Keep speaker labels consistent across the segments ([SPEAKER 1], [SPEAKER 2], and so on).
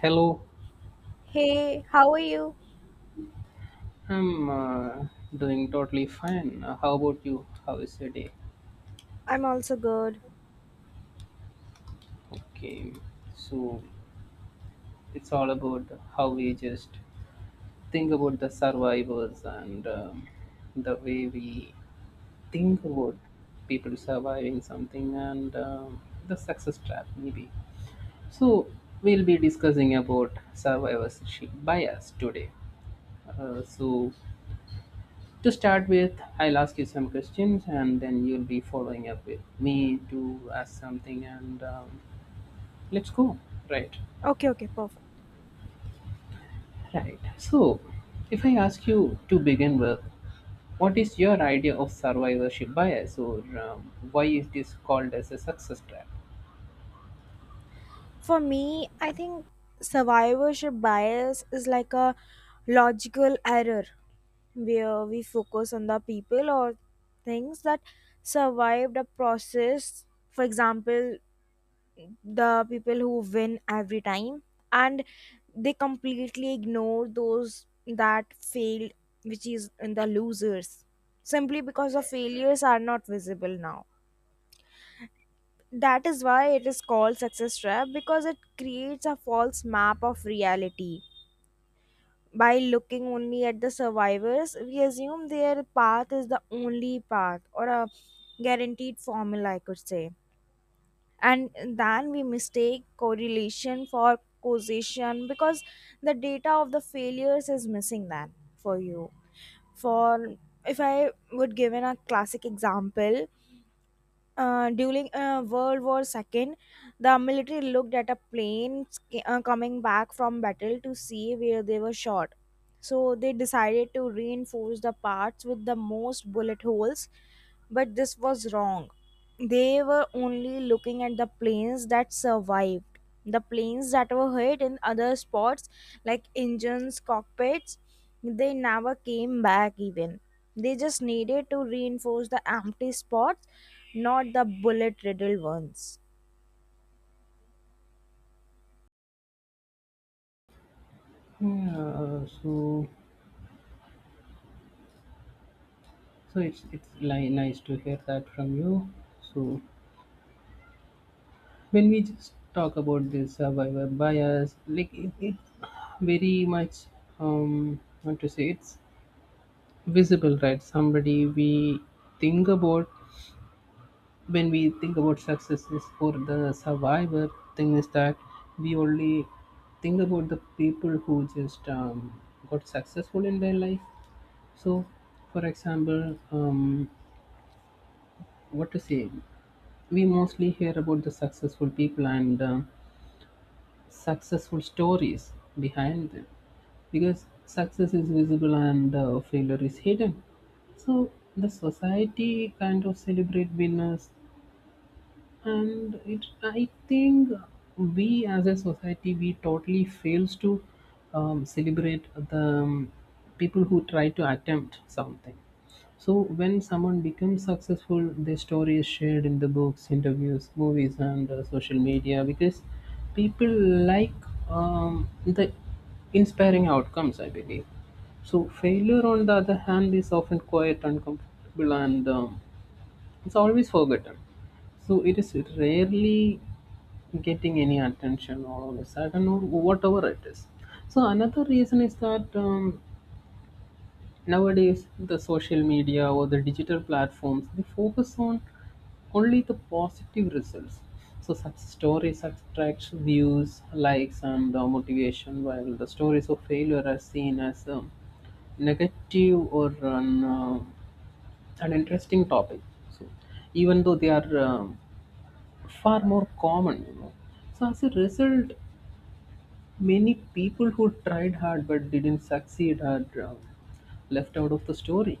[SPEAKER 1] Hello,
[SPEAKER 2] Hey, how are you?
[SPEAKER 1] I'm doing totally fine. How about you? How is your day?
[SPEAKER 2] I'm also good.
[SPEAKER 1] Okay, so it's all about how we just think about the survivors and the way we think about people surviving something and the success trap, maybe. So, we'll be discussing about survivorship bias today. Uh, so, To start with, I'll ask you some questions and then you'll be following up with me to ask something and let's go. Right.
[SPEAKER 2] Okay, okay, perfect.
[SPEAKER 1] Right. So, if I ask you to begin with, what is your idea of survivorship bias or why is this called as a success trap?
[SPEAKER 2] For me, I think survivorship bias is like a logical error where we focus on the people or things that survived a process. For example, the people who win every time and they completely ignore those that failed, which is in the losers, simply because the failures are not visible now. That is why it is called success trap, because it creates a false map of reality. By looking only at the survivors, we assume their path is the only path, or a guaranteed formula, I could say. And then we mistake correlation for causation because the data of the failures is missing. Then for you, for if I would give in a classic example, during World War II, the military looked at a plane coming back from battle to see where they were shot. So they decided to reinforce the parts with the most bullet holes, but this was wrong. They were only looking at the planes that survived. The planes that were hit in other spots, like engines, cockpits, they never came back even. They just needed to reinforce the empty spots, not the bullet riddled ones.
[SPEAKER 1] Yeah, uh, so Nice to hear that from you. So when we just talk about this survivor bias like it very much want to say it's visible, right? Somebody we think about, when we think about success is for the survivor, thing is that we only think about the people who just got successful in their life. So for example, what to say we mostly hear about the successful people and successful stories behind them because success is visible and failure is hidden. So the society kind of celebrate winners, and it, I think, we as a society we totally fails to celebrate the people who try to attempt something. So when someone becomes successful, their story is shared in the books, interviews, movies and social media, because people like the inspiring outcomes, I believe. So failure, on the other hand, is often quiet, uncomfortable, and it's always forgotten. So it is rarely getting any attention all of a sudden or whatever it is. So another reason is that nowadays the social media or the digital platforms, they focus on only the positive results. So such stories attract views, likes, and motivation, while the stories of failure are seen as negative or an interesting topic. So even though they are, far more common, you know. So as a result, many people who tried hard but didn't succeed are left out of the story.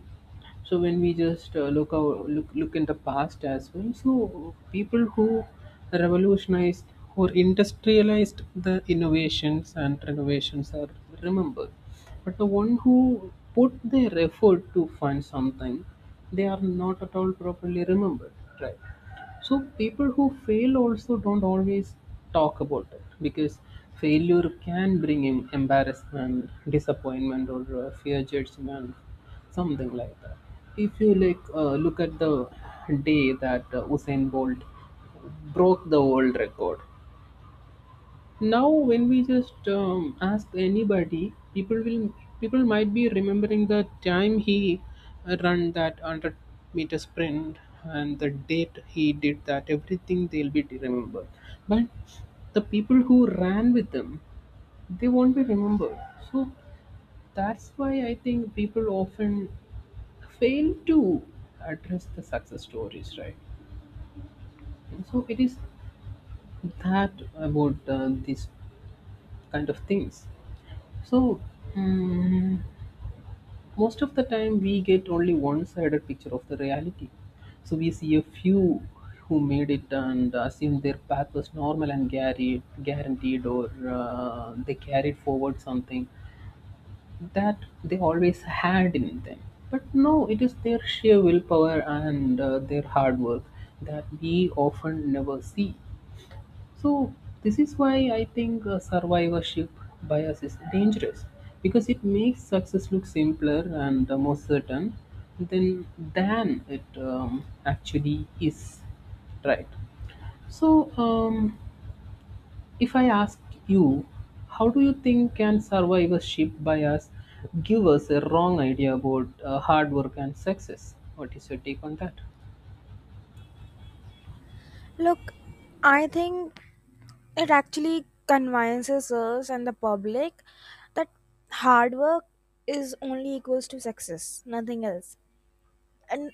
[SPEAKER 1] So when we just look look in the past as well, so people who revolutionized or industrialized the innovations and renovations are remembered, but the one who put their effort to find something, they are not at all properly remembered, right? So people who fail also don't always talk about it because failure can bring in embarrassment, disappointment, or fear judgment, something like that. If you like look at the day that Usain Bolt broke the world record, now, when we just ask anybody, people will, people might be remembering the time he run that 100 meter sprint and the date he did that. Everything they'll be remembered, but the people who ran with them, they won't be remembered. So that's why I think people often fail to address the success stories, right? So it is that about these kind of things. So, mm most of the time we get only one sided picture of the reality. So, we see a few who made it and assume their path was normal and guaranteed, guaranteed or they carried forward something that they always had in them. But no, it is their sheer willpower and their hard work that we often never see. So this is why I think survivorship bias is dangerous because it makes success look simpler and more certain than than it actually is, right? So if I ask you, how do you think can survivorship bias give us a wrong idea about hard work and success? What is your take on that?
[SPEAKER 2] Look, I think it actually convinces us and the public that hard work is only equals to success, nothing else. And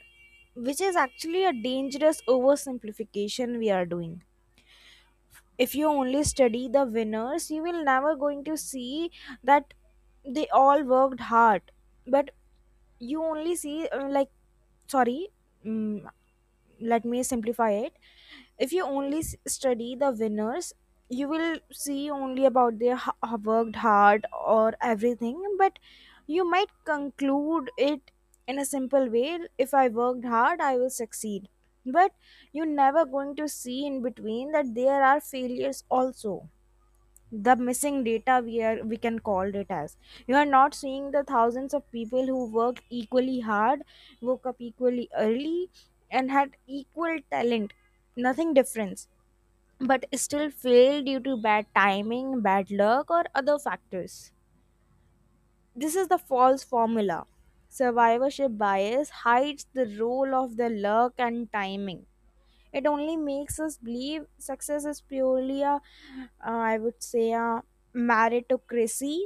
[SPEAKER 2] which is actually a dangerous oversimplification we are doing. If you only study the winners, you will never going to see that they all worked hard, but you only see, sorry mm, let me simplify it. If you only study the winners, you will see only about their worked hard or everything, but you might conclude it in a simple way: if I worked hard, I will succeed. But you never going to see in between that there are failures also. The missing data, we can call it as, you are not seeing the thousands of people who worked equally hard, woke up equally early, and had equal talent, nothing difference, but still failed due to bad timing, bad luck, or other factors. This is the false formula. Survivorship bias hides the role of the luck and timing. It only makes us believe success is purely a, I would say, a meritocracy,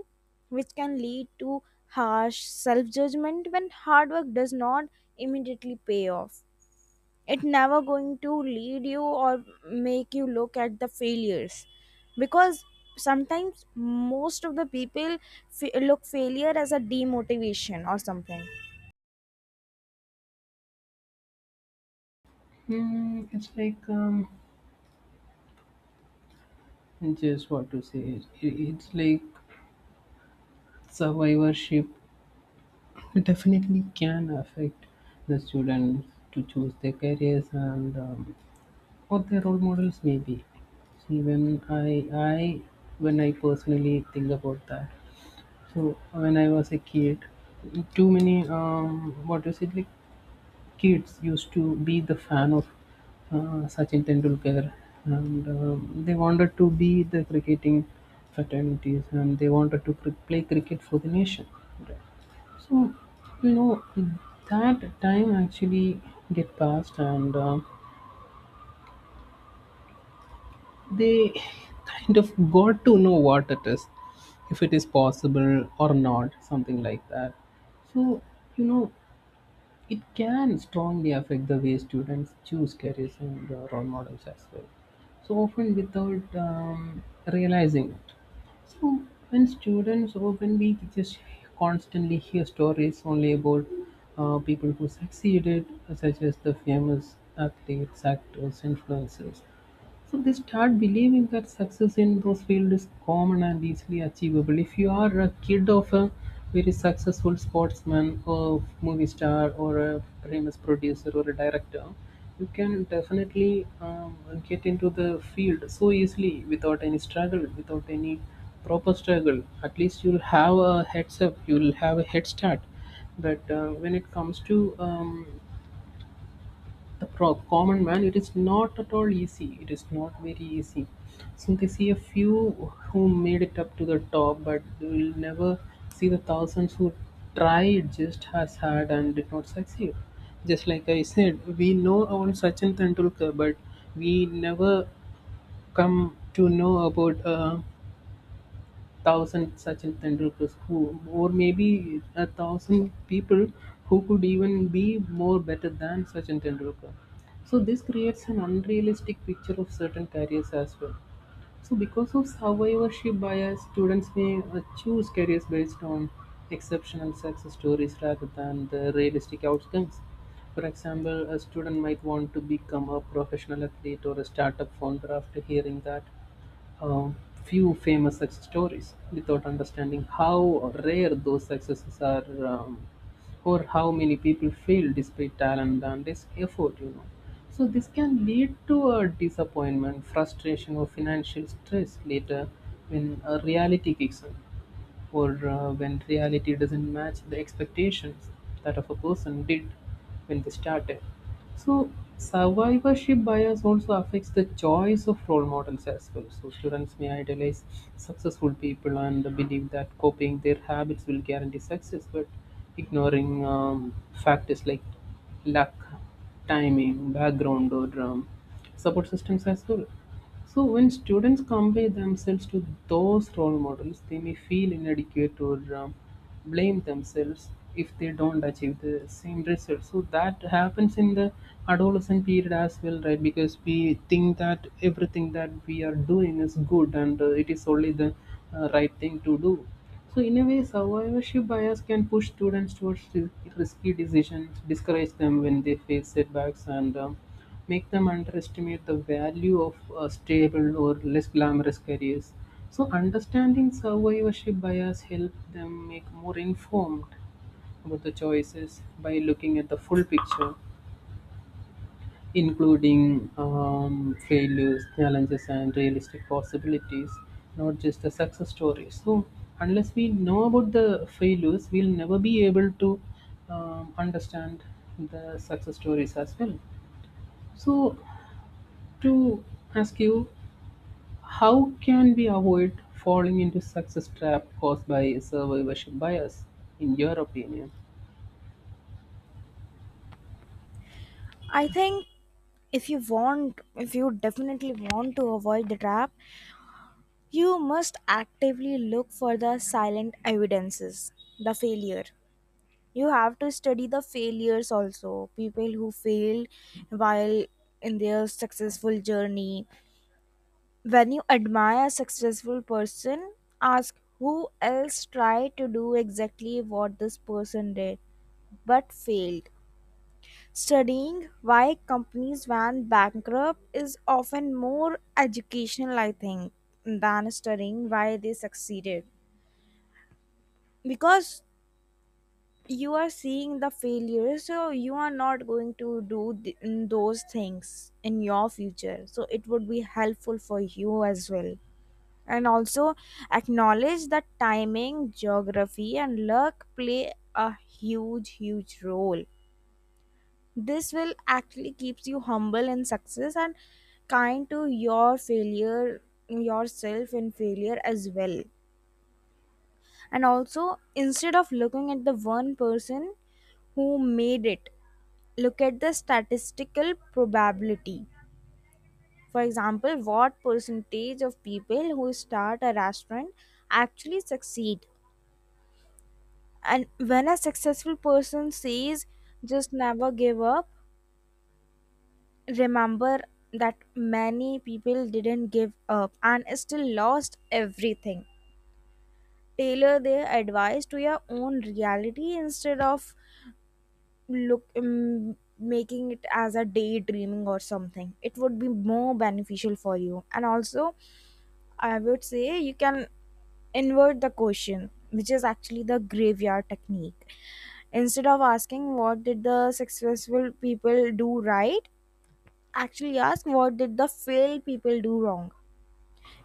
[SPEAKER 2] which can lead to harsh self judgment when hard work does not immediately pay off. It never going to lead you or make you look at the failures, because sometimes most of the people look failure as a demotivation or something.
[SPEAKER 1] Hmm, it's like just what to say. It- It's like survivorship definitely can affect the students to choose their careers and what their role models may be. See, I, when I personally think about that, so when I was a kid, too many what is it like kids used to be the fan of Sachin Tendulkar, and they wanted to be the cricketing fraternities, and they wanted to play cricket for the nation. So, you know, that time actually get past, and they kind of got to know what it is, if it is possible or not, something like that. So, you know, it can strongly affect the way students choose careers and role models as well. So often without realizing it. So when students, or when we just constantly hear stories only about people who succeeded, such as the famous athletes, actors, influencers. So they start believing that success in those fields is common and easily achievable. If you are a kid of a very successful sportsman or movie star or a famous producer or a director, you can definitely get into the field so easily without any struggle, without any proper struggle. At least you'll have a heads up, you'll have a head start. But when it comes to common man, it is not at all easy, it is not very easy. So they see a few who made it up to the top, but you will never see the thousands who tried just as hard and did not succeed. Just like I said, we know about Sachin Tendulkar, but we never come to know about thousand Sachin Tendulkars who, or maybe a thousand people who could even be more better than Sachin Tendulkar. So this creates an unrealistic picture of certain careers as well. So because of survivorship bias, students may choose careers based on exceptional success stories rather than the realistic outcomes. For example, a student might want to become a professional athlete or a startup founder after hearing that uh, few famous success stories without understanding how rare those successes are, um, or how many people fail despite talent and this effort, you know. So this can lead to a disappointment, frustration or financial stress later when a reality kicks in, or when reality doesn't match the expectations that of a person did when they started. So survivorship bias also affects the choice of role models as well. So students may idolize successful people and believe that copying their habits will guarantee success, but ignoring factors like luck, timing, background, or support systems as well. So, when students compare themselves to those role models, they may feel inadequate or blame themselves if they don't achieve the same result. So, that happens in the adolescent period as well, right? Because we think that everything that we are doing is good and it is only the right thing to do. So, in a way, survivorship bias can push students towards risky decisions, discourage them when they face setbacks, and make them underestimate the value of stable or less glamorous careers. So, understanding survivorship bias helps them make more informed about the choices by looking at the full picture, including failures, challenges, and realistic possibilities, not just the success stories. So, unless we know about the failures, we'll never be able to understand the success stories as well. So, to ask you, how can we avoid falling into success trap caused by survivorship bias in your opinion?
[SPEAKER 2] I think if you want, if you definitely want to avoid the trap, you must actively look for the silent evidences, the failure. You have to study the failures also, people who failed while in their successful journey. When you admire a successful person, ask who else tried to do exactly what this person did but failed. Studying why companies went bankrupt is often more educational, I think, than studying why they succeeded. Because you are seeing the failure, so you are not going to do those things in your future, so it would be helpful for you as well. And also acknowledge that timing, geography, and luck play a huge, huge role. This will actually keeps you humble in success and kind to your failure, yourself in failure as well. And also, instead of looking at the one person who made it, look at the statistical probability. For example, what percentage of people who start a restaurant actually succeed? And when a successful person says just never give up, remember that many people didn't give up and still lost everything. Tailor their advice to your own reality instead of, look making it as a daydreaming or something. It would be more beneficial for you. And also, I would say you can invert the question, which is actually the graveyard technique. Instead of asking what did the successful people do right, actually ask what did the failed people do wrong.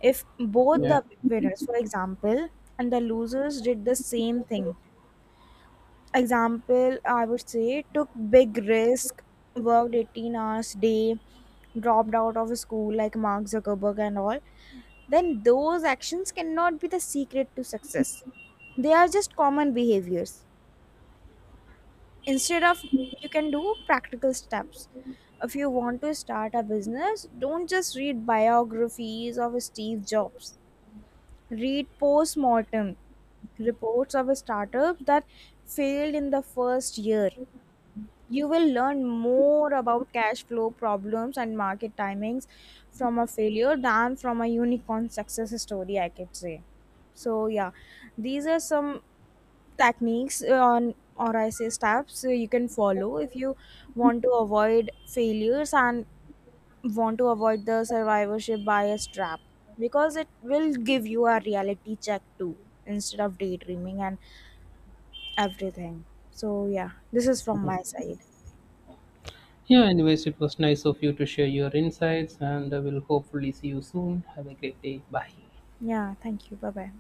[SPEAKER 2] If both
[SPEAKER 1] Yeah.
[SPEAKER 2] the winners, for example, and the losers did the same thing, example, I would say, took big risk, worked 18 hours day, dropped out of school like Mark Zuckerberg and all, then those actions cannot be the secret to success. They are just common behaviors. Instead of, you can do practical steps. If you want to start a business, don't just read biographies of Steve Jobs. Read post-mortem reports of startups that failed in the first year. You will learn more about cash flow problems and market timings from a failure than from a unicorn success story, I could say. So yeah, these are some techniques, on, or I say steps you can follow if you want to avoid failures and want to avoid the survivorship bias trap, because it will give you a reality check too, instead of daydreaming and everything. So yeah, this is from my side.
[SPEAKER 1] Yeah, anyways, it was nice of you to share your insights and I will hopefully see you soon. Have a great day. Bye.
[SPEAKER 2] Yeah, thank you. Bye bye.